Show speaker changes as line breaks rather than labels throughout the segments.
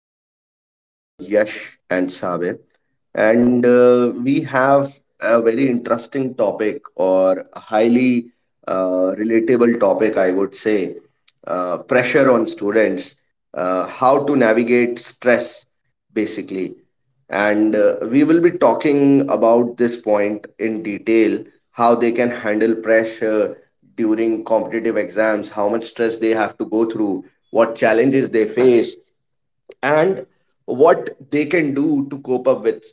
Guests, Yash and Sabir, and we have a very interesting topic or a highly relatable topic, I would say, pressure on students, how to navigate stress, basically. And we will be talking about this point in detail, how they can handle pressure during competitive exams, how much stress they have to go through, what challenges they face, and what they can do to cope up with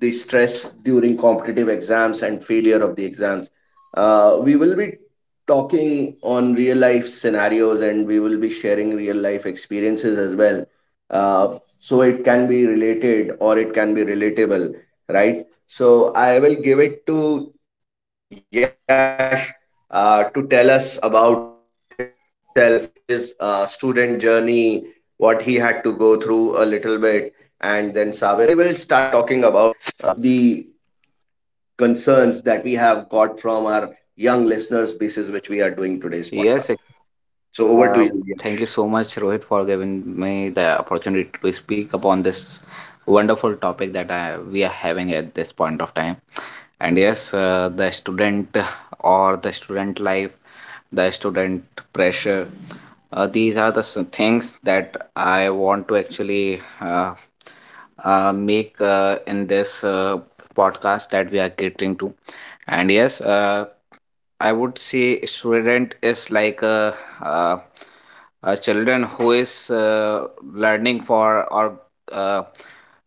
the stress during competitive exams and failure of the exams. We will be talking on real life scenarios, and we will be sharing real life experiences as well. So it can be related or it can be relatable, right? So I will give it to Yash to tell us about himself, his student journey, what he had to go through a little bit, and then Saber, and then we will start talking about the concerns that we have got from our young listeners basis, which we are doing today's podcast. So over
Yes,
to
ex-
you, Yash.
uh, thank you so much, Rohit, for giving me the opportunity to speak upon this wonderful topic that we are having at this point of time. And yes, the student or the student life, the student pressure. These are the things that I want to actually make, in this podcast that we are catering to. And yes, I would say student is like uh, a children who is learning for or uh,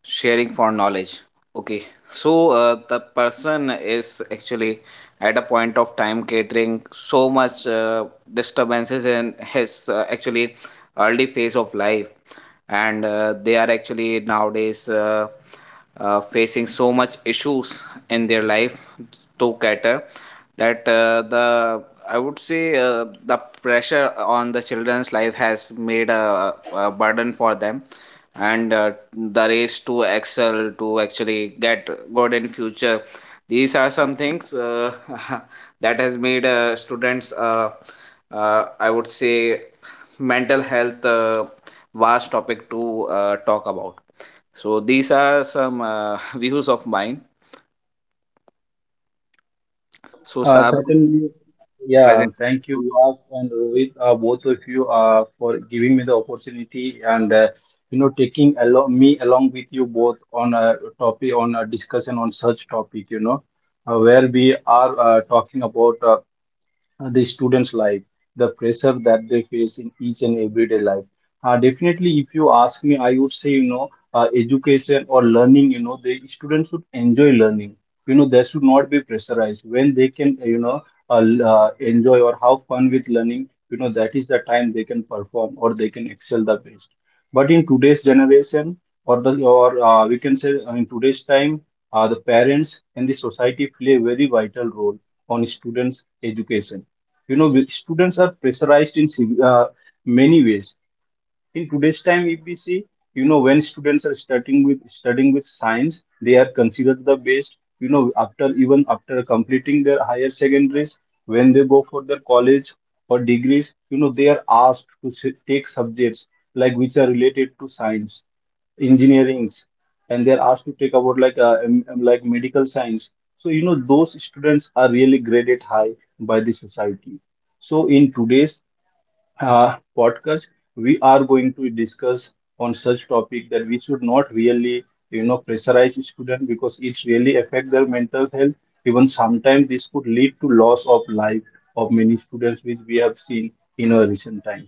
sharing for knowledge. Okay, so the person is actually at a point of time catering so much disturbances in his, actually, early phase of life, and they are actually nowadays facing so much issues in their life to cater. That, the, I would say, the pressure on the children's life has made a burden for them, and the race to excel to actually get good in future. These are some things, that has made students, I would say, mental health vast topic to talk about. So these are some views of mine. So, Saab,
Certainly, yeah,
present.
thank you, Yas and Rohit, both of you, for giving me the opportunity and, taking along me along with you both on a topic, on a discussion on such topic, where we are talking about the students' life, the pressure that they face in each and everyday life. Definitely, if you ask me, I would say, education or learning, the students should enjoy learning. They should not be pressurized. When they can enjoy or have fun with learning, that is the time they can perform or they can excel the best. But in today's generation, or we can say in today's time, the parents and the society play a very vital role on students' education. You know, students are pressurized in many ways. In today's time, if we see, when students are starting with studying with science, they are considered the best. After, even after completing their higher secondaries, when they go for their college or degrees, they are asked to take subjects like which are related to science, engineerings, and they're asked to take about like medical science. So those students are really graded high by the society. So in today's podcast, we are going to discuss on such topic that we should not really, pressurize student, because it really affect their mental health. Even sometimes this could lead to loss of life of many students, which we have seen in our recent time.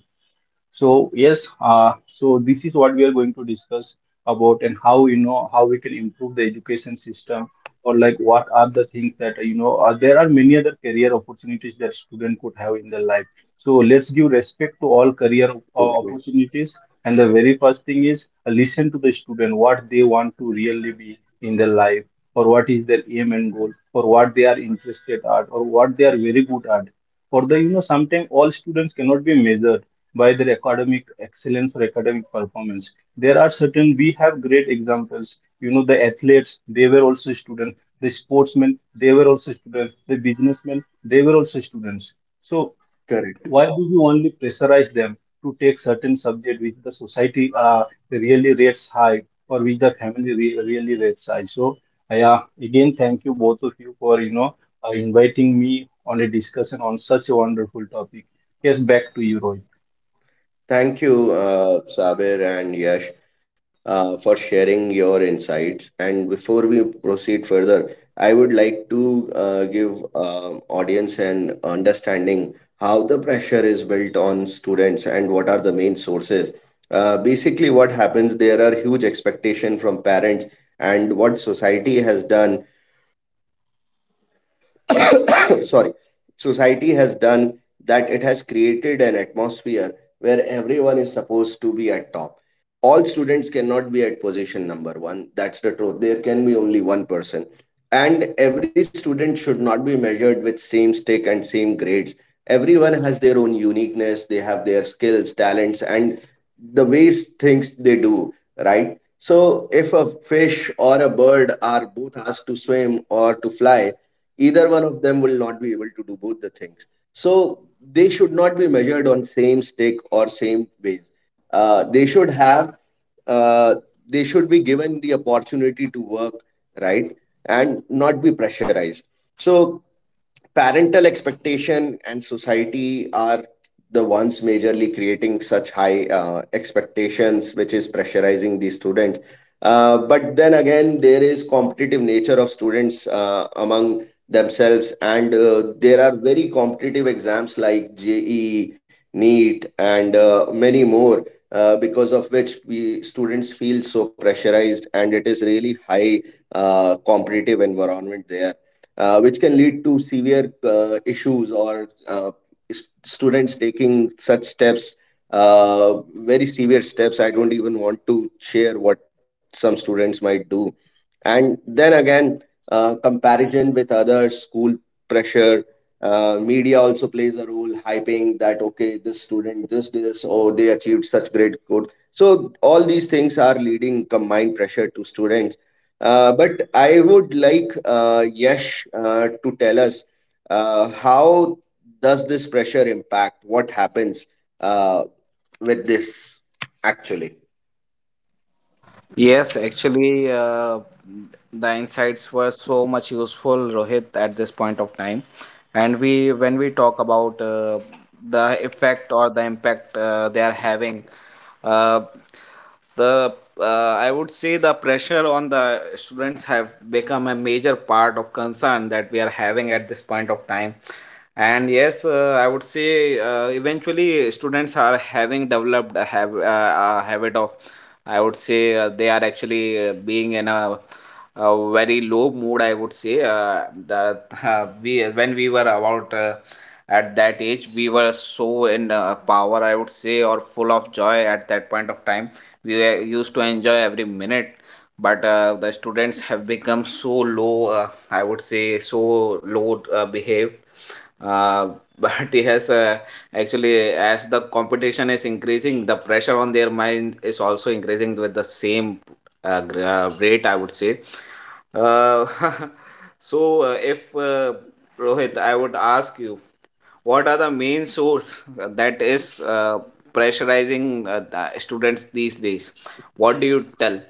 So yes, so this is what we are going to discuss about, and how, how we can improve the education system, or like, what are the things that there are many other career opportunities that student could have in their life. So let's give respect to all
True, true.
career opportunities. And the very first thing is listen to the student what they want to really be in their life, or what is their aim and goal, or what they are interested at, or what they are very good at. For the you know sometimes all students cannot be measured by their academic excellence or academic performance. There are certain, we have great examples. You know, the athletes, they were also students. The sportsmen, they were also students. The businessmen, they were also students. So
Correct.
why do we only pressurize them to take certain subject which the society really rates high, or which the family really rates high? So I, again thank you both of you for, inviting me on a discussion on such a wonderful topic. Yes, back to you, Rohit.
Thank you, Sabir and Yash, for sharing your insights. And before we proceed further, I would like to give audience an understanding how the pressure is built on students and what are the main sources. Basically, what happens, there are huge expectation from parents, and what society has done, sorry, society has done, that it has created an atmosphere where everyone is supposed to be at top. All students cannot be at position number 1. That's the truth. There can be only one person, and every student should not be measured with same stick and same grades. Everyone has their own uniqueness. They have their skills, talents, and the ways things they do, right? So if a fish or a bird are both asked to swim or to fly, either one of them will not be able to do both the things. So they should not be measured on same stick or same ways. They should have uh, they should be given the opportunity to work, right, and not be pressurized. So parental expectation and society are the ones majorly creating such high expectations, which is pressurizing the students. But then again, there is competitive nature of students among themselves, and there are very competitive exams like JE, NEET, and many more, because of which we students feel so pressurized, and it is really high competitive environment there, which can lead to severe issues or students taking such steps, very severe steps. I don't even want to share what some students might do. And then again, comparison with other school pressure. Media also plays a role, hyping that, okay, this student, oh, they achieved such great good. So all these things are leading combined pressure to students. But I would like Yash to tell us how does this pressure impact? What happens uh, with this actually?
Yes, actually, the insights were so much useful, Rohit, at this point of time. And when we talk about, the effect or the impact they are having, uh, the I would say the pressure on the students have become a major part of concern that we are having at this point of time. And yes, I would say, eventually students are having developed a habit of, I would say, they are actually, being in a very low mood, I would say. That, we when we were about, at that age we were so in power, I would say, or full of joy at that point of time. We were used to enjoy every minute, but the students have become so low, I would say, so low, behaved. uh, but yes, actually, as the competition is increasing, the pressure on their mind is also increasing with the same, great, I would say. Uh, so, if, Rohit, I would ask you, what are the main source that is pressurizing the students these days? What do you tell?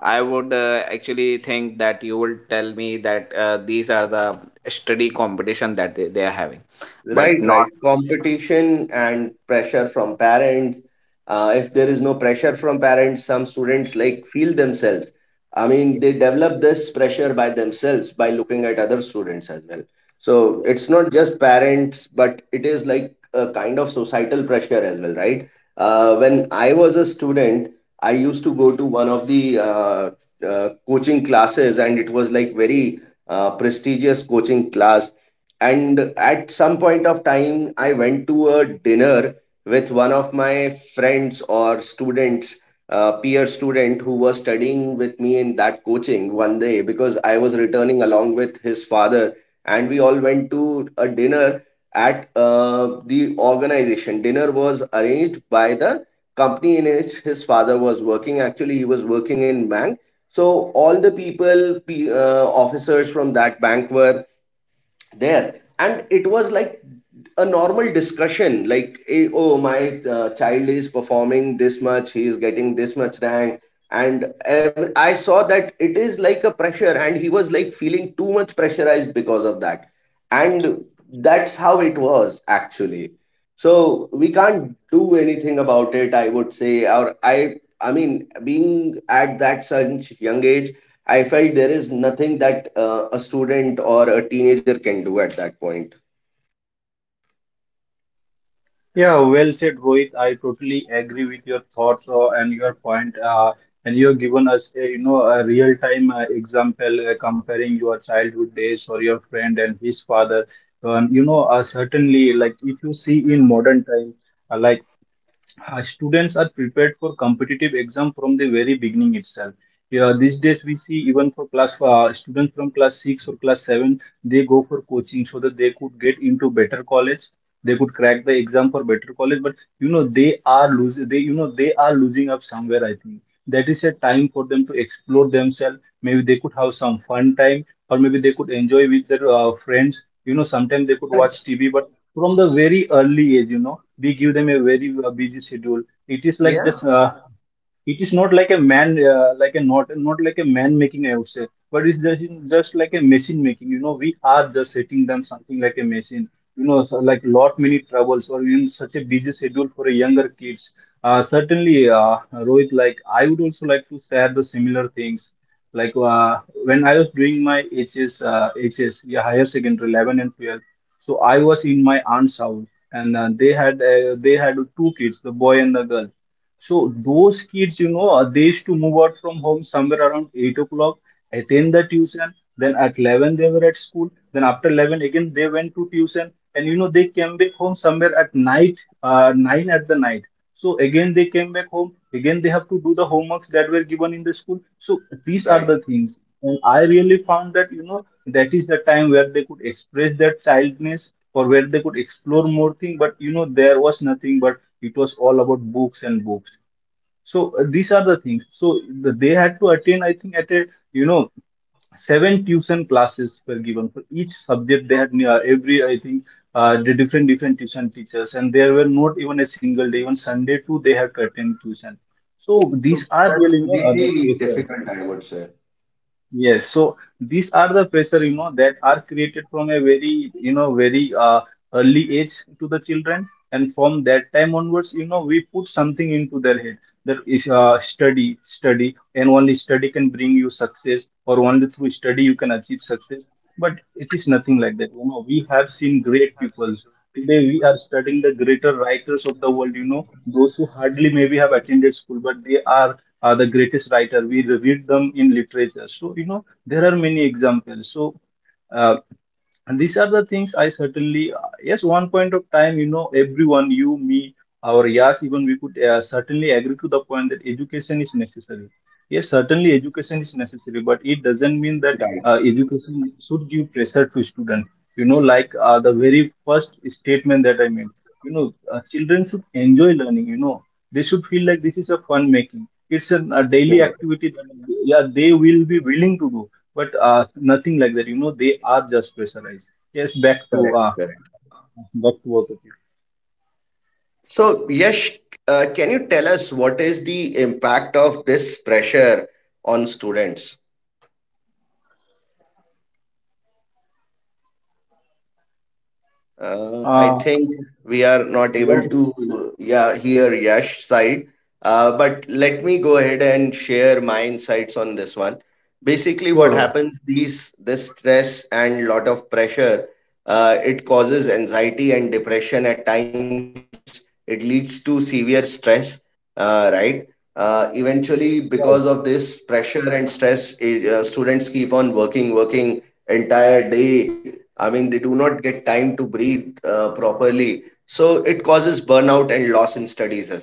I would, actually, think that you will tell me that, these are the study competition that they are having,
Right,
but not.
right. Competition and pressure from parents. If there is no pressure from parents, some students like feel themselves. I mean, they develop this pressure by themselves by looking at other students as well. So it's not just parents, but it is like a kind of societal pressure as well, right? When I was a student, I used to go to one of the coaching classes, and it was like very prestigious coaching class, and at some point of time, I went to a dinner with one of my friends or students, peer student who was studying with me in that coaching one day, because I was returning along with his father, and we all went to a dinner at the organization. Dinner was arranged by the company in which his father was working. Actually, he was working in bank. So all the people, officers from that bank were there, and it was like a normal discussion like, eh, oh, my child is performing this much, he is getting this much rank. And I saw that it is like a pressure, and he was like feeling too much pressurized because of that. And that's how it was actually. So we can't do anything about it, I would say. Or I mean, being at that such young age, I felt there is nothing that a student or a teenager can do at that point.
Yeah, well said, Rohit. I totally agree with your thoughts and your point. And you have given us, a, a real-time example, comparing your childhood days or your friend and his father. Certainly, like if you see in modern time, uh, like students are prepared for competitive exam from the very beginning itself. Yeah, these days we see even for class students from class six or class seven, they go for coaching so that they could get into better college. They could crack the exam for better college, but you know they are losing. They, they are losing up somewhere. I think that is a time for them to explore themselves. Maybe they could have some fun time, or maybe they could enjoy with their friends. You know, sometimes they could watch TV, but from the very early age, we give them a very busy schedule. It is like just
Yeah,
it is not like a not like a man making, I would say, but it's just like a machine making. You know, we are just setting down something like a machine, you know. So like lot many troubles, or in such a busy schedule for a younger kids. Certainly Rohit, like I would also like to share the similar things, like when I was doing my HS, yeah, higher secondary 11 and 12, so I was in my aunt's house. And they had two kids, the boy and the girl. So those kids, you know, they used to move out from home somewhere around 8 o'clock, attend the tuition, then at 11 they were at school, then after 11 again they went to tuition, and you know, they came back home somewhere at night, 9 at the night. So again they came back home, again they have to do the homeworks that were given in the school. So these are
right.
the things. And I really found that, you know, that is the time where they could express their childness, or where they could explore more things, but you know, there was nothing but it was all about books and books. So these are the things. So they had to attend, I think, at a, you know, seven tuition classes were given for each subject. They had every, I think, the different different tuition teachers, and there were not even a single day, even Sunday too, they had to attend tuition. So these
So
are
that's
really, the
really
pressure.
difficult, I would say.
Yes, so these are the pressure, you know, that are created from a very, you know, very early age to the children, and from that time onwards, you know, we put something into their head, that is study, study, and only study can bring you success, or only through study you can achieve success. But it is nothing like that. You know, we have seen great peoples. Today we are studying the greater writers of the world, you know, those who hardly maybe have attended school, but they are the greatest writer. We reviewed them in literature. So you know there are many examples. So. uh, and these are the things. I certainly, yes, one point of time, you know, everyone, you, me, our Yas, even we could certainly agree to the point that education is necessary. Yes, certainly education is necessary, but it doesn't mean
Right.
that education should give pressure to student. You know, like the very first statement that I made, you know, children should enjoy learning, you know, they should feel like this is a fun making, it's an, a daily
Correct.
activity that, yeah, they will be willing to do. But nothing like that. You know, they are just pressurized. Yes, back to,
Correct. Correct.
back to both of you.
So, can you tell us what is the impact of this pressure on students? I
Uh,
think we are not able
yeah,
to yeah, hear Yash side. But let me go ahead and share my insights on this one. Basically, what
sure.
happens, these this stress and lot of pressure, it causes anxiety and depression at times. It leads to severe stress, right? Eventually, because of this
Yeah,
pressure and stress, students keep on working entire day. I mean, they do not get time to breathe properly. So it causes burnout and loss in studies as well.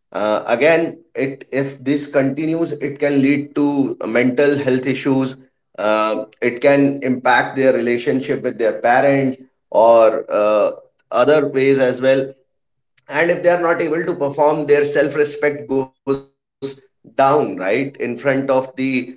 Again, it if this continues, it can lead to mental health issues. It can impact their relationship with their parents or other ways as well. And if they are not able to perform, their self respect goes down, right, in front of the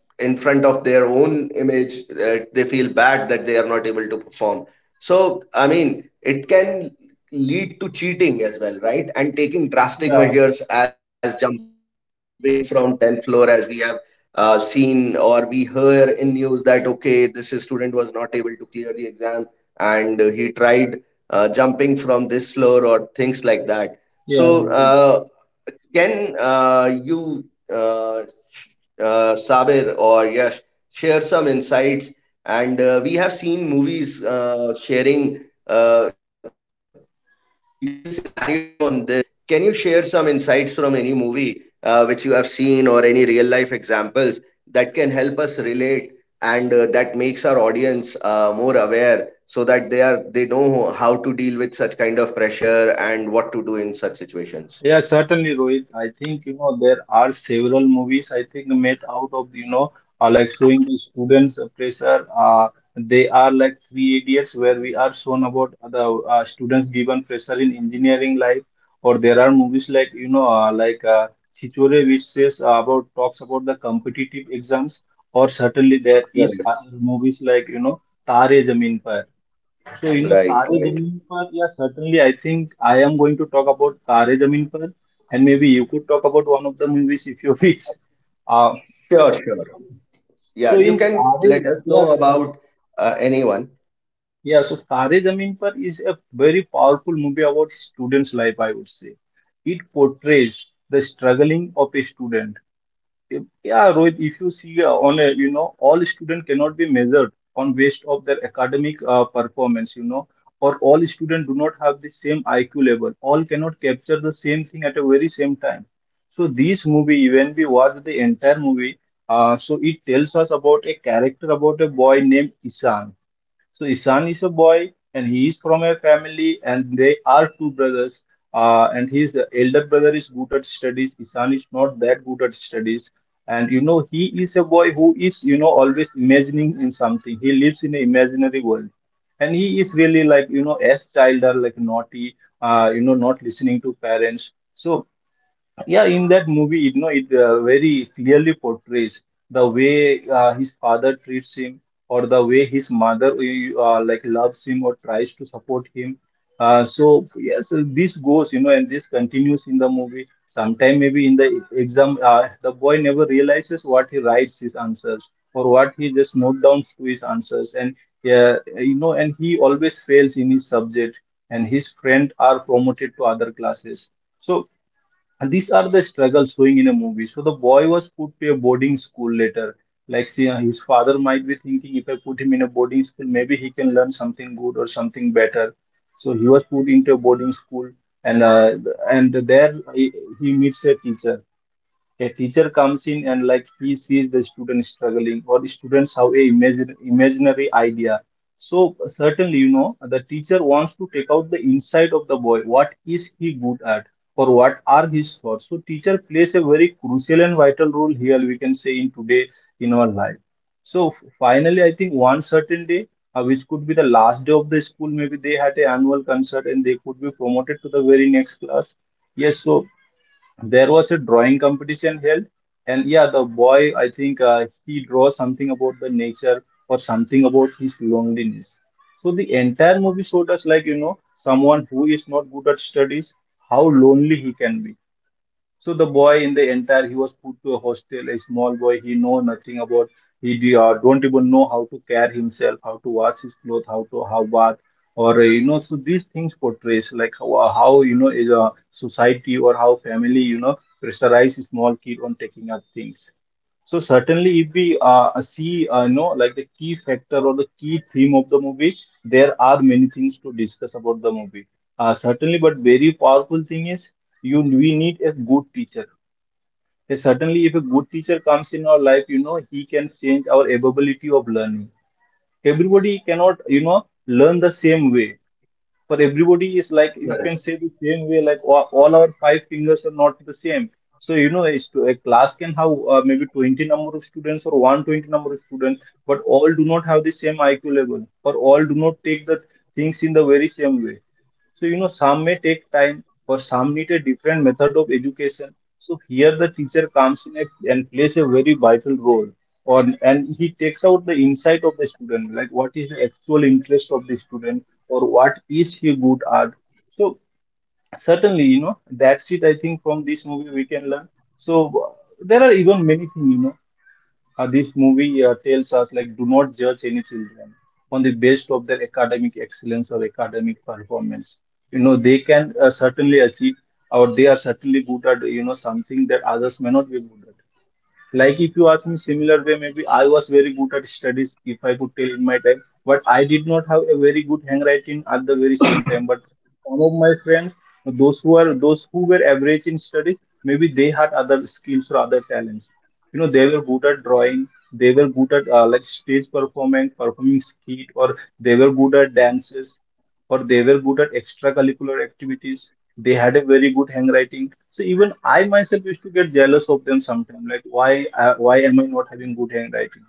in front of their own image. They feel bad that they are not able to perform. So I mean, it can lead to cheating as well, right, and taking drastic
yeah,
measures as jumping from 10th floor, as we have seen or we hear in news that, okay, this student was not able to clear the exam, and he tried jumping from this floor or things like that.
yeah.
So, can you, uh, Sabir or Yash, share some insights? And we have seen movies sharing uh, detailed scenario on this. Can you share some insights from any movie which you have seen, or any real life examples that can help us relate, and that makes our audience more aware, so that they are they know how to deal with such kind of pressure and what to do in such situations?
Yeah, certainly, Rohit. I think, you know, there are several movies I think made out of, you know, like showing the students' pressure. They are like Three Idiots, where we are shown about the students given pressure in engineering life. Or there are movies like, you know, Chichore, which says about talks about the competitive exams. Or certainly there is other movies like, you know, Tare Zameen Par. So, you know,
Right,
Tare
right.
Zameen Par, yeah, certainly. I think I am going to talk about Tare Zameen Par, and maybe you could talk about one of the movies if you wish. Uh,
Sure, sure. Yeah,
so,
you
in
can
Tare,
let us
yeah,
know about anyone.
yeah, so Tare Zameen Par is a very powerful movie about students' life, I would say. It portrays the struggling of a student. Yeah, Rohit, if you see on a, you know, all student cannot be measured on based of their academic performance, you know, or all student do not have the same IQ level. All cannot capture the same thing at a very same time. So this movie, when we watch the entire movie, so it tells us about a character about a boy named Isan. So his is a boy, and he is from a family, and they are two brothers. And his elder brother is good at studies. His is not that good at studies. And you know, he is a boy who is, you know, always imagining in something. He lives in an imaginary world. And he is really like, you know, as child are like naughty, you know, not listening to parents. So yeah, in that movie, you know, it very clearly portrays the way his father treats him, or the way his mother like loves him or tries to support him. So yes, this goes, you know, and this continues in the movie. Sometime maybe in the exam, the boy never realizes what he writes his answers or what he just note down to his answers, and and he always fails in his subject, and his friend are promoted to other classes. So and these are the struggles showing in a movie. So the boy was put to a boarding school later. Like see, his father might be thinking, if I put him in a boarding school, maybe he can learn something good or something better. So he was put into a boarding school, and uh, and there he meets a teacher. A teacher comes in and like he sees the student struggling or the students have a imaginary idea. So certainly, you know, the teacher wants to take out the inside of the boy, what is he good at or what are his thoughts. So teacher plays a very crucial and vital role here, we can say in today, in our life. So finally I think one certain day, which could be the last day of the school, maybe they had a annual concert and they could be promoted to the very next class. Yes, so there was a drawing competition held, and yeah, the boy I think he draws something about the nature or something about his loneliness. So the entire movie showed us, like, you know, someone who is not good at studies, how lonely he can be. So the boy in the entire, he was put to a hostel, a small boy. He know nothing about. He don't even know how to care himself, how to wash his clothes, how to how bath, or So these things portrays like how, how, you know, is a society or how family, you know, pressurize a small kid on taking up things. So certainly, if we see, you know, like the key factor or the key theme of the movie, there are many things to discuss about the movie. Certainly, but very powerful thing is you we need a good teacher. Certainly, if a good teacher comes in our life, you know, he can change our ability of learning. Everybody cannot, you know, learn the same way for everybody, is like
Yeah.
you can say the same way, like all our five fingers are not the same. So, you know, it's a class can have maybe 20 number of students or 120 number of students, but all do not have the same IQ level or all do not take the things in the very same way. So, you know, some may take time, for some need a different method of education. So here the teacher comes in a, and plays a very vital role. On and he takes out the insight of the student, like what is the actual interest of the student or what is he good at. So certainly, you know, that's it. I think from this movie we can learn. So there are even many things, this movie tells us like do not judge any children on the basis of their academic excellence or academic performance. You know, they can certainly achieve or they are certainly good at, you know, something that others may not be good at. Like if you ask me similar way, maybe I was very good at studies if I could tell in my time, but I did not have a very good handwriting at the very same time. But some of my friends, those who were average in studies, maybe they had other skills or other talents. You know, they were good at drawing, they were good at like stage performance, performing skit, or they were good at dances, or they were good at extracurricular activities. They had a very good handwriting. So even I myself used to get jealous of them sometimes, like why am I not having good handwriting.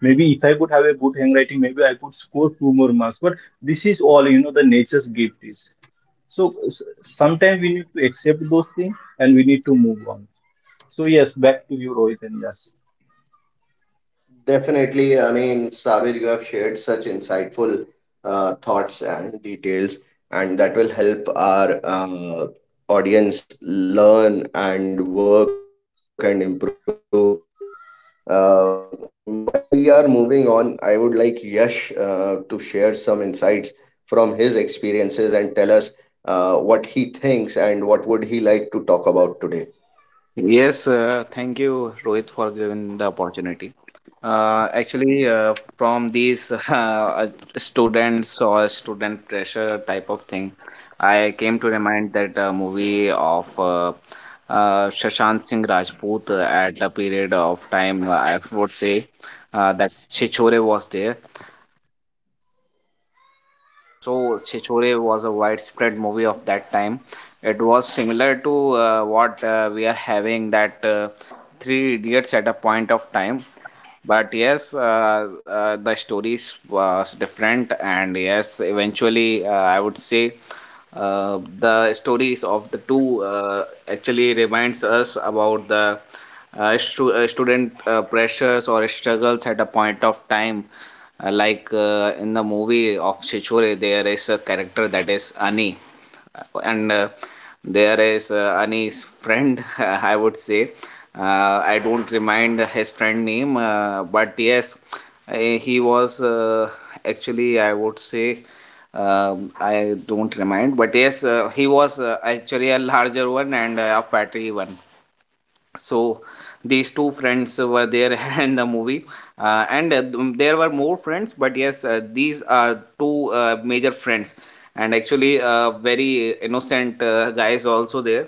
Maybe if I could have a good handwriting, maybe I could score two more marks. But this is all, you know, the nature's gift is. So sometimes we need to accept those things and we need to move on. So yes, back to you, Rohit, and yes.
Definitely, I mean, Sabir, you have shared such insightful thoughts and details, and that will help our audience learn and work and improve. Um, while we are moving on, I would like Yash to share some insights from his experiences and tell us what he thinks and what would he like to talk about today.
Yes, thank you, Rohit, for giving the opportunity. Actually, from these students or student pressure type of thing, I came to remind that, movie of Shashank Singh Rajput, at a period of time, I would say, that Chichore was there. So Chichore was a widespread movie of that time. It was similar to, what we are having, that Three Idiots, at a point of time, but yes, the stories was different. And yes, eventually, I would say, the stories of the two actually reminds us about the student pressures or struggles at a point of time. Like, in the movie of Chichore, there is a character that is Ani. And there is Ani's friend, I would say. Uh, I don't remind his friend name, but yes, he was, actually, I would say, I don't remind, but yes, he was, actually, a larger one and a fatty one. So these two friends were there in the movie. And there were more friends, but yes, these are two major friends, and actually very innocent guys also there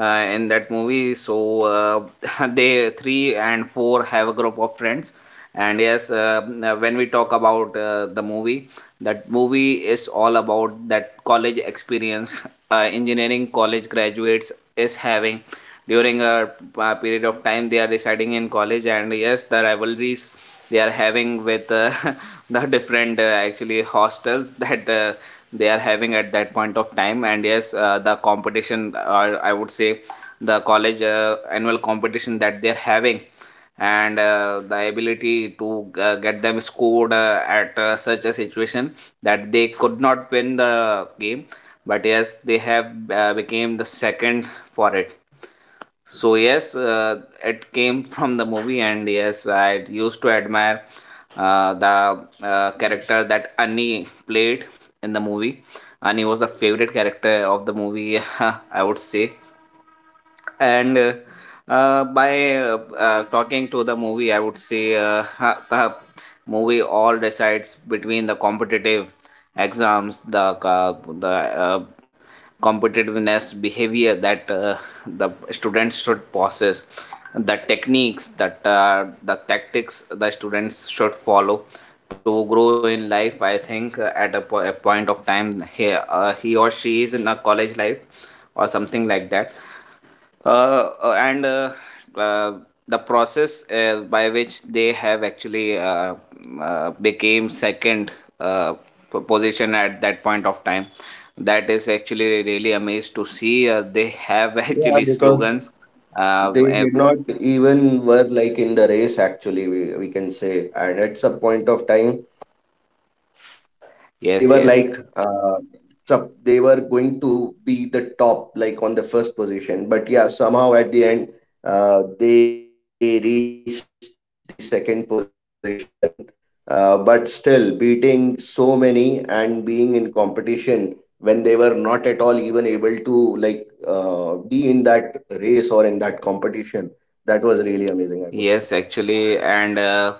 in that movie. So they three and four have a group of friends. And yes, when we talk about, the movie, that movie is all about that college experience. Engineering college graduates is having, during a, period of time, they are residing in college, and yes, the rivalries they are having with the different actually hostels that they are having at that point of time. And yes, the competition, or I would say, the college annual competition that they are having, and the ability to get them scored at such a situation, that they could not win the game, but yes, they have became the second for it. So yes, it came from the movie. And yes, I used to admire the character that Annie played in the movie. Annie was the favorite character of the movie, I would say. And by talking to the movie, I would say, the movie all decides between the competitive exams, the competitiveness behavior that the students should possess, the techniques that the tactics the students should follow to grow in life, I think, at a point of time, he or she is in a college life or something like that. And uh, the process by which they have actually became second uh, position at that point of time. That is actually really amazed to see, they have
Yeah,
actually
because
slogans. uh,
they
eh,
did not even were like in the race, actually, we can say, and it's a point of time they were like
yes, yes.
they were going to be the top, like on the first position, but yeah, somehow at the end they reached the second position. But still beating so many and being in competition when they were not at all even able to like be in that race or in that competition, that was really amazing, I would say.
Yes, actually, and,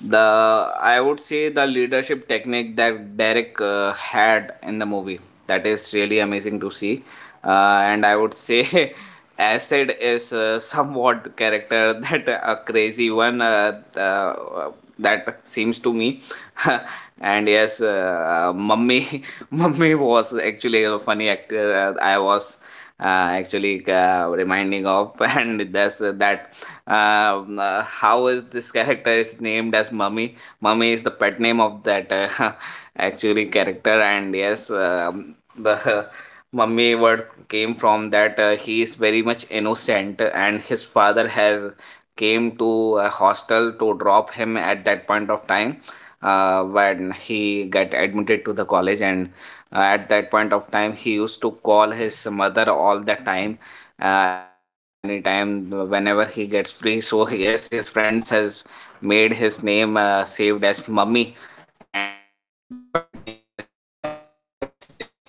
the, I would say, the leadership technique that Derek had in the movie, that is really amazing to see, uh, and I would say Acid is somewhat the character, that a crazy one, that seems to me, and yes, Mummy, Mummy was actually a funny actor. I was actually reminding of and that's that, how is this character is named as Mummy. Mummy is the pet name of that actually character. And yes, the Mummy word came from that, he is very much innocent and his father has came to a hostel to drop him at that point of time, when he got admitted to the college. And at that point of time he used to call his mother all the time, every time, anytime whenever he gets free. So yes, his friends has made his name saved as Mummy. And yes, the pet name as Mummy gets there.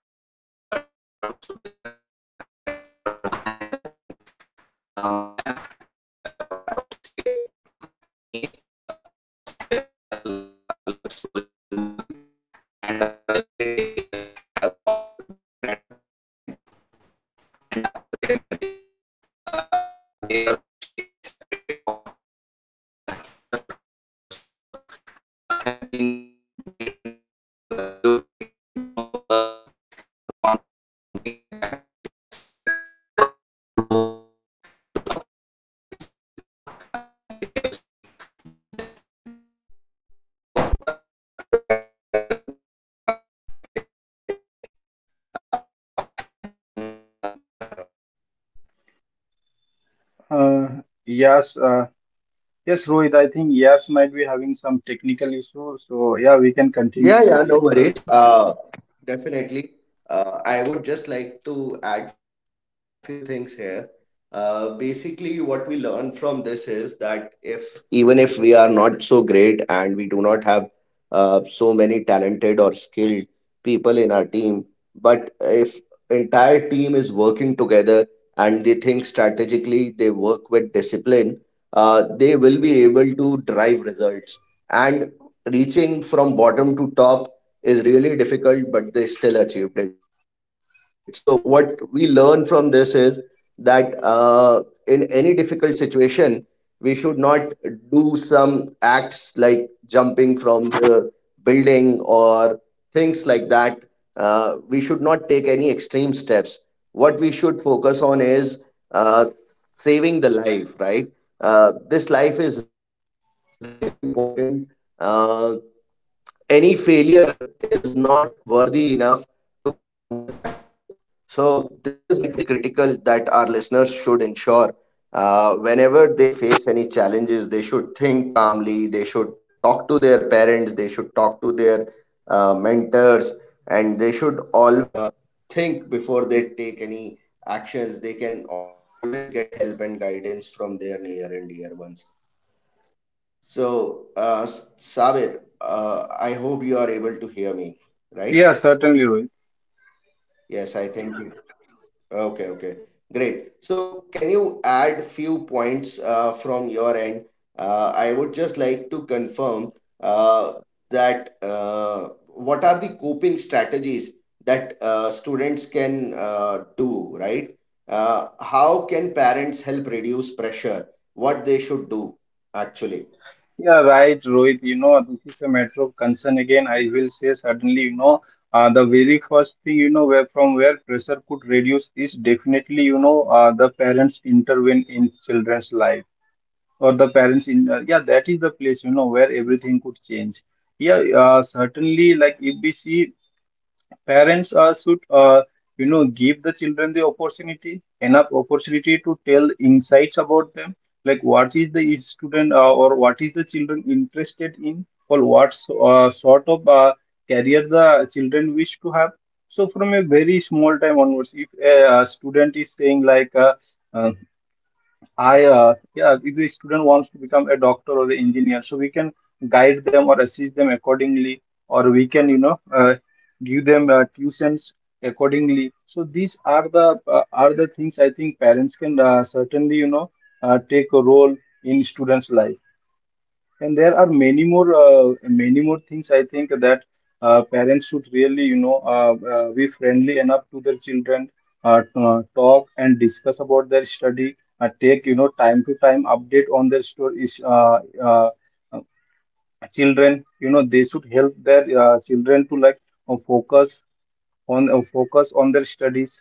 So a girl was also there that is called Maya in the movie. Maya, and, I would say, Andy was having a love story in the movie, and eventually they have got married at a point of time. And after their marriage, uh, they were actually separated, all separated. And their friends also uh, have been made a distance, due to actually no conflicts or something like that, but yes, due to growth, due to the opportunities, due to, actually, I would say, the distance.
Uh, yes, uh, yes, Rohit. I think yes might be having some technical issues. So yeah, we can continue with
Yeah,
it.
yeah, no worries. Definitely. I would just like to add few things here. Basically, what we learn from this is that if even if we are not so great, and we do not have so many talented or skilled people in our team, but if entire team is working together, and they think strategically, they work with discipline, they will be able to drive results. And reaching from bottom to top is really difficult, but they still achieved it. So, what we learn from this is that in any difficult situation, we should not do some acts like jumping from the building or things like that. We should not take any extreme steps. What we should focus on is uh, saving the life, right? This life is really important. Uh, any failure is not worthy enough to perform such actions. So, this is like very critical that our listeners should ensure whenever they face any challenges, they should think calmly, they should talk to their parents, they should talk to their mentors, and they should always think before they take any actions. They can always get help and guidance from their near and dear ones. So, Sabir, I hope you are able to hear me, right?
Yeah, certainly, Rohit.
Yes, I think. You- okay, okay, great. So, can you add few points from your end? I would just like to confirm uh, that what are the coping strategies that students can do, right? How can parents help reduce pressure? What they should do, actually?
Yeah, right, Rohit. You know, this is a matter of concern again. I will say certainly, you know, the very first thing, you know, where from where pressure could reduce is definitely, you know, the parents intervene in children's life or the parents in, yeah, that is the place, you know, where everything could change. Yeah, certainly, like if we see parents should, you know, give the children the opportunity, enough opportunity to tell insights about them, like what is the student or what is the children interested in, or what sort of career the children wish to have. So from a very small time onwards, if a, student is saying like, uh, I yeah, if the student wants to become a doctor or an engineer, so we can guide them or assist them accordingly, or we can, you know, give them tuitions accordingly. So these are the things I think parents can certainly, you know, take a role in students' life. And there are many more many more things I think, that parents should really, you know, be friendly enough to their children, talk and discuss about their study, take, you know, time to time update on their stories. Uh, uh, Children, you know, they should help their children to like uh, focus focus on their studies,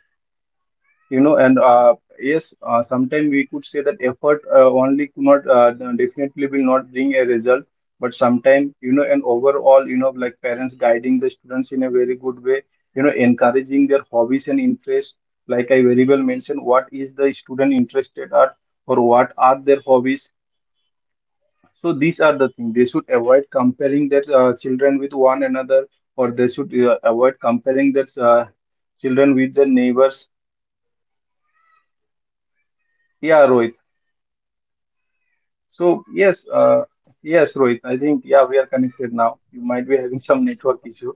you know. And yes, sometimes we could say that effort only could not definitely will not bring a result. But sometimes, you know, and overall, you know, like parents guiding the students in a very good way, you know, encouraging their hobbies and interests, like I very well mentioned what is the student interested at or what are their hobbies. So these are the things. They should avoid comparing their children with one another, or they should avoid comparing their children with their neighbors. Yeah, Rohit. So yes, yes, Rohit. I think yeah, we are connected now. You might be having some network issue.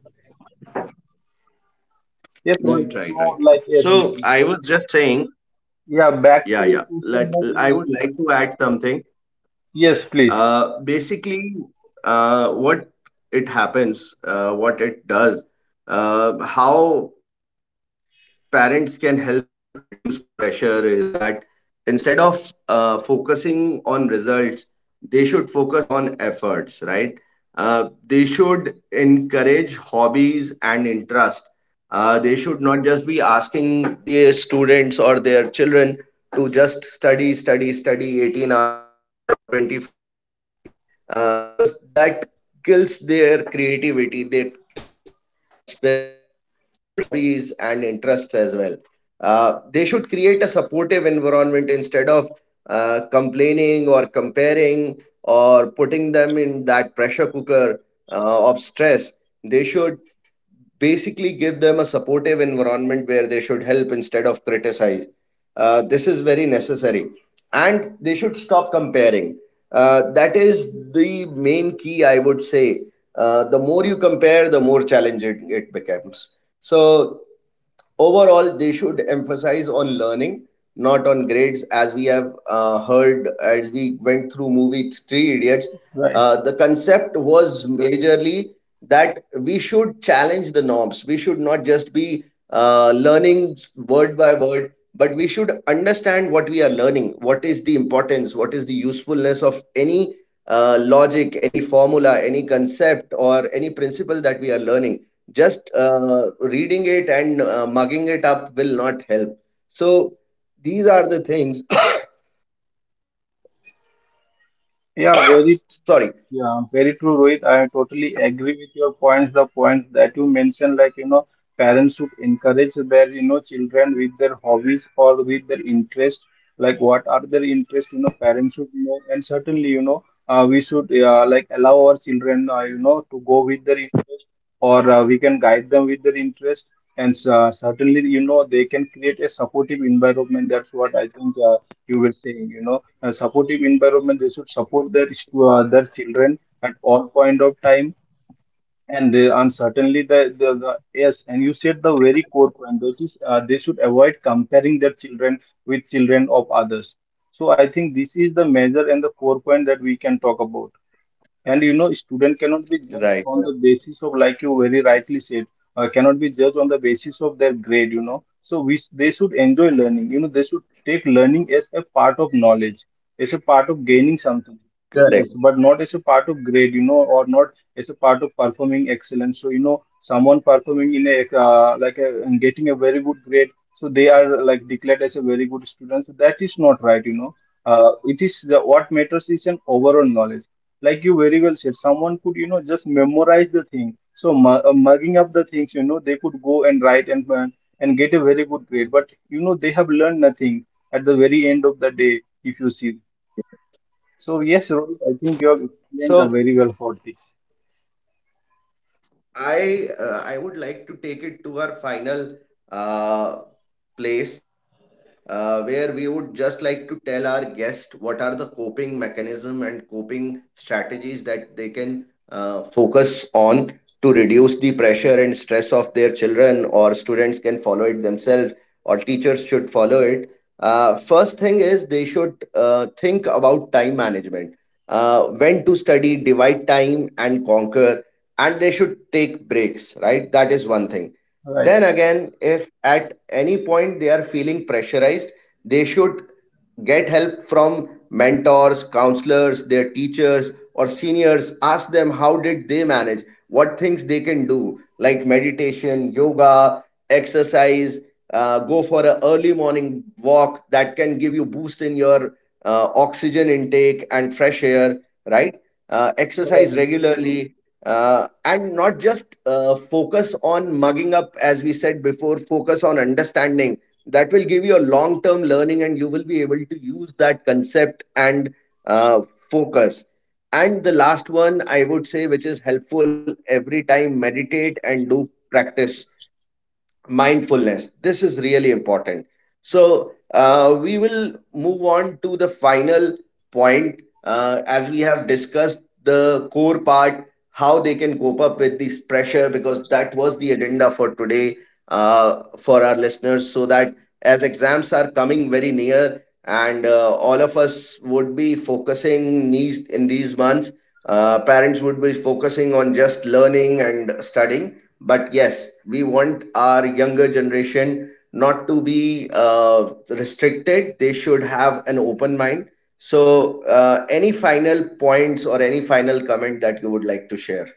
Yes, Rohit. So like
Right,
yes,
right, right. So I was just saying,
yeah, back to your question that
yeah,
you
yeah.
said.
Let I would like to add
Yes,
something.
please.
Uh, basically, what it happens, what it does, how parents can help reduce pressure is that instead of focusing on results, they should focus on efforts, right? They should encourage hobbies and interest. They should not just be asking their students or their children to just study, study, study 18 hours a day or 24 hours a day because that kills their creativity, that kills that spirit. So they should have and interests as well. They should create a supportive environment instead of complaining or comparing or putting them in that pressure cooker of stress. They should basically give them a supportive environment where they should help instead of criticize. This is very necessary. And they should stop comparing. That is the main key, I would say. The more you compare, the more challenging it becomes. So, overall, they should emphasize on learning, not on grades, as we have heard as we went through movie Three Idiots.
Right.
The concept was majorly that we should challenge the norms. We should not just be learning word by word, but we should understand what we are learning, what is the importance, what is the of any logic, any formula, any concept, or any principle that we are learning, just reading it and mugging it up will not help. So these are the things.
Yeah, very
Sorry.
yeah, very true, Rohit.
Yeah.
I totally agree with your points. The points that you mentioned, like, you know, parents should encourage their, you know, children with their hobbies or with their interest. Like, what are their interests, you know, parents should know. And certainly, you know, we should, like, allow our children, you know, to go with their interest, or we can guide them with their interest. And certainly, you know, they can create a supportive environment. That's what I think you were saying, you know, a supportive environment. They should support their children at all point of time. And they, and certainly the yes, and you said the very core point, that is they should avoid comparing their children with children of others. So I think this is the major and the core point that we can talk about. And you know, student cannot
Right,
be judged
right,
on the basis of, like you very rightly said, cannot be judged on the basis of their grade, you know. So we, they should enjoy learning. You know, they should take learning as a part of knowledge, as a part of gaining something.
correct.
Yes, but not as a part of grade, you know, or not as a part of performing excellence. So, you know, someone performing in a, like a, and getting a very good grade, so they are like declared as a very good student. So that is not right, you know. It is the, what matters is an overall knowledge. Like you very well said, someone could, you know, just memorize the thing, so mugging up the things, you know, they could go and write and get a very good grade, but you know, they have learned nothing at the very end of the day, if you see. So yes, Rohit, I think you have
So
explained very well for this.
I would like to take it to our final uh, place where we would just like to tell our guest what are the coping mechanism and coping strategies that they can focus on to reduce the pressure and stress of their children, or students can follow it themselves or teachers should follow it. First thing is they should think about time management. When to study, divide time and conquer, and they should take breaks, right? That is one thing. Then again, if at any point they are feeling pressurized, they should get help from mentors, counselors, their teachers or seniors. Ask them how did they manage, what things they can do, like meditation, yoga, exercise, go for an early morning walk that can give you boost in your oxygen intake and fresh air, right. Exercise
Right.
regularly, and not just focus on mugging up, as we said before, focus on understanding. That will give you a long term learning and you will be able to use that concept and uh, focus. And the last one I would say, which is helpful every time, meditate and do practice mindfulness. This is really important. So we will move on to the final point, as we have discussed the core part, how they can cope up with this pressure, because that was the agenda for today, for our listeners, so that as exams are coming very near and all of us would be focusing these in these months, parents would be focusing on just learning and studying. But yes, we want our younger generation not to be restricted. They should have an open mind. So any final points or any final comment that you would like to share?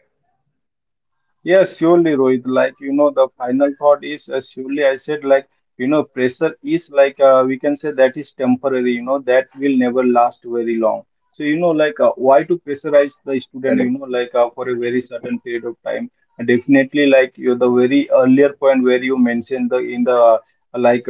Yes, surely, Rohit. Like, you know, the final thought is, surely I said, like, you know, pressure is like, we can say that is temporary, you know, that will never last very long. So, you know, like,
Correct.
why to pressurize the student, you know, like for a very certain period of time? Definitely, like, you the very earlier point where you mentioned the in the like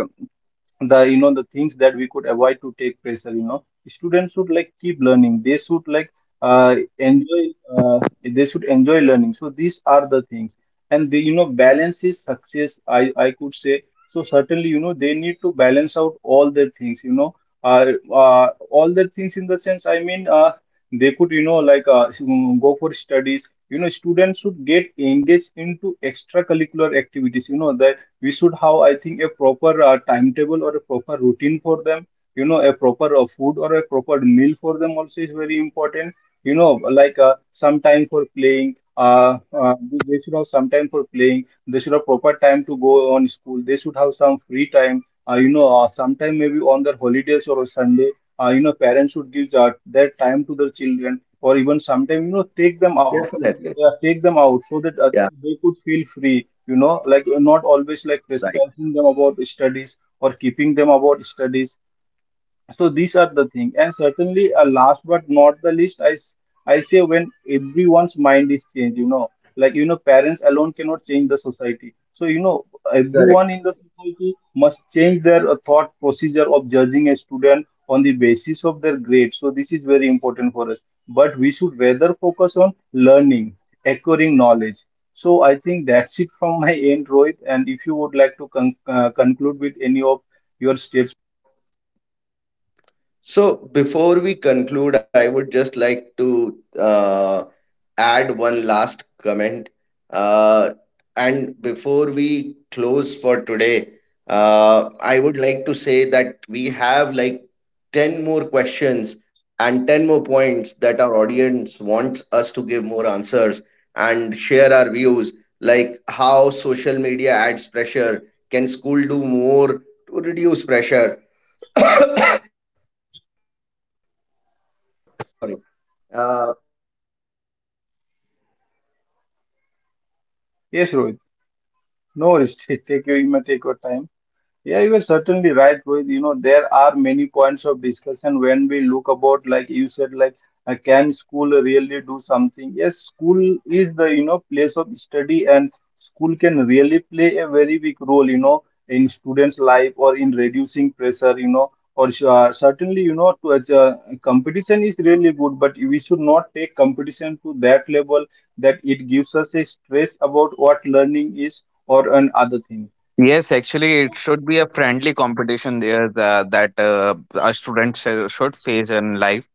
the, you know, the things that we could avoid to take pressure, you know, students should like keep learning, they should like enjoy, they should enjoy learning. So these are the things. And they, you know, balance is success, I could say. So certainly, you know, they need to balance out all their things, you know, uh, all their things in the sense I mean, they could, you know, like go for studies. You know, students should get engaged into extracurricular activities, you know, that we should have, I think, a proper timetable or a proper routine for them, you know, a proper food or a proper meal for them also is very important, you know, like some time for playing, uh, they should have some time for playing. They should have proper time to go on school. They should have some free time, sometime maybe on their holidays or on Sunday, you know, parents should give that their time to their children, or even sometime, you know, take them out.
Definitely.
Yeah, take them out so that
Yeah.
they could feel free, you know, like, not always like
Right.
pressurizing them about studies or keeping them about studies. So these are the thing. And certainly, last but not the least, I say when everyone's mind is changed, you know, like you know, parents alone cannot change the society. So you know, everyone in the
Correct.
society must change their thought procedure of judging a student on the basis of their grades. So this is very important for us. But we should rather focus on learning, acquiring knowledge. So I think that's it from my end, Rohit. And if you would like to conclude with any of your statements.
So before we conclude, I would just like to add one last comment. Uh, and before we close for today, I would like to say that we have like 10 more questions and 10 more points that our audience wants us to give more answers and share our views, like how social media adds pressure. Can school do more to reduce pressure? Sorry. uh, they can like reduce pressure. What role does teachers play? How
Yes, Rohit.
pressure can
No
impact
worries. Take your,
creativity
you may
and
take your time. Yeah, you are
yeah
certainly
and
right, Rohit. You know, there are many points of discussion when we look about, like you said, like can school really do something? Yes, school is the, you know, place of study, and school can really play a very big role, you know, in students'
so
life or
uh,
in reducing
Sabir,
pressure, you know,
sabir
or
uh, sorry
certainly,
I
you
am
know, to,
interrupt uh,
competition is really good, but we should not take competition to that level that it gives us a stress about what learning is or an other thing.
Yes, actually, it should be a friendly competition there, that, a student should face in life,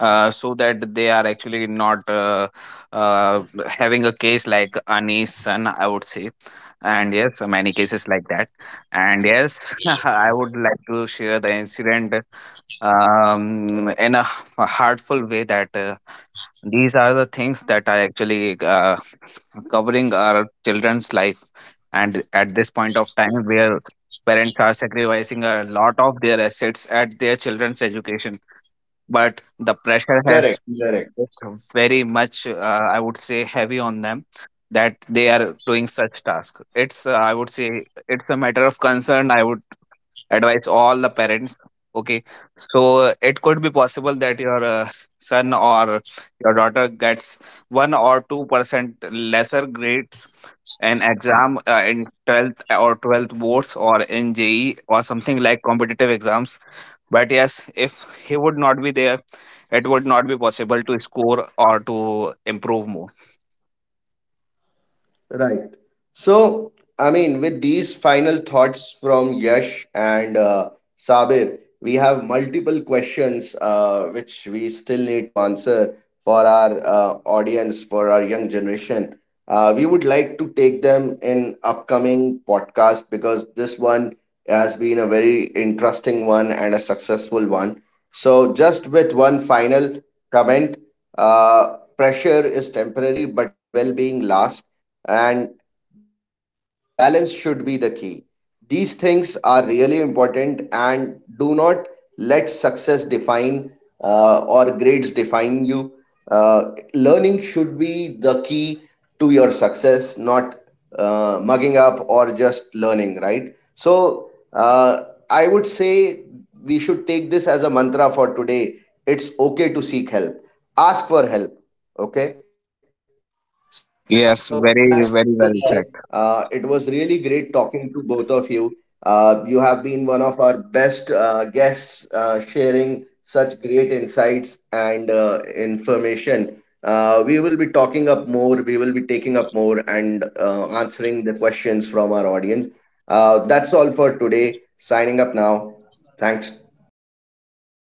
so that they are actually not having a case like Ani's son, I would say. And yes, many cases like that. And yes, I would like to share the incident, in a heartful way, that, these are the things that are actually covering our children's life, and at this point of time where parents are sacrificing a lot of their assets at their children's education, but the pressure
Correct,
has
correct.
been very much, I would say, heavy on them, that they are doing such task. It's, I would say, it's a matter of concern. I would advise all the parents, okay? So it could be possible that your son or your daughter gets 1 or 2% lesser grades an exam, in 12th or 12th boards or in JE or something like competitive exams. But yes, if he would not be there, it would not be possible to score or to improve more.
Right. So, I mean, with these final thoughts from Yash and Sabir, we have multiple questions which we still need to answer for our audience, for our young generation. We would like to take them in upcoming podcast because this one has been a very interesting one and a successful one. So, just with one final comment, pressure is temporary, but well-being lasts, and balance should be the key. These things are really important, and do not let success define or grades define you. Learning should be the key to your success, not mugging up or just learning, right? So, I would say we should take this as a mantra for today. It's okay to seek help, ask for help, okay? So,
Yes,
that's
very,
all for
very well
today.
said.
It was really great talking to both of you. You have been one of our best guests, sharing such great insights and information. We will be talking up more, we will up more and answering the questions from our audience. That's all for today. Signing up now. Thanks, Yash and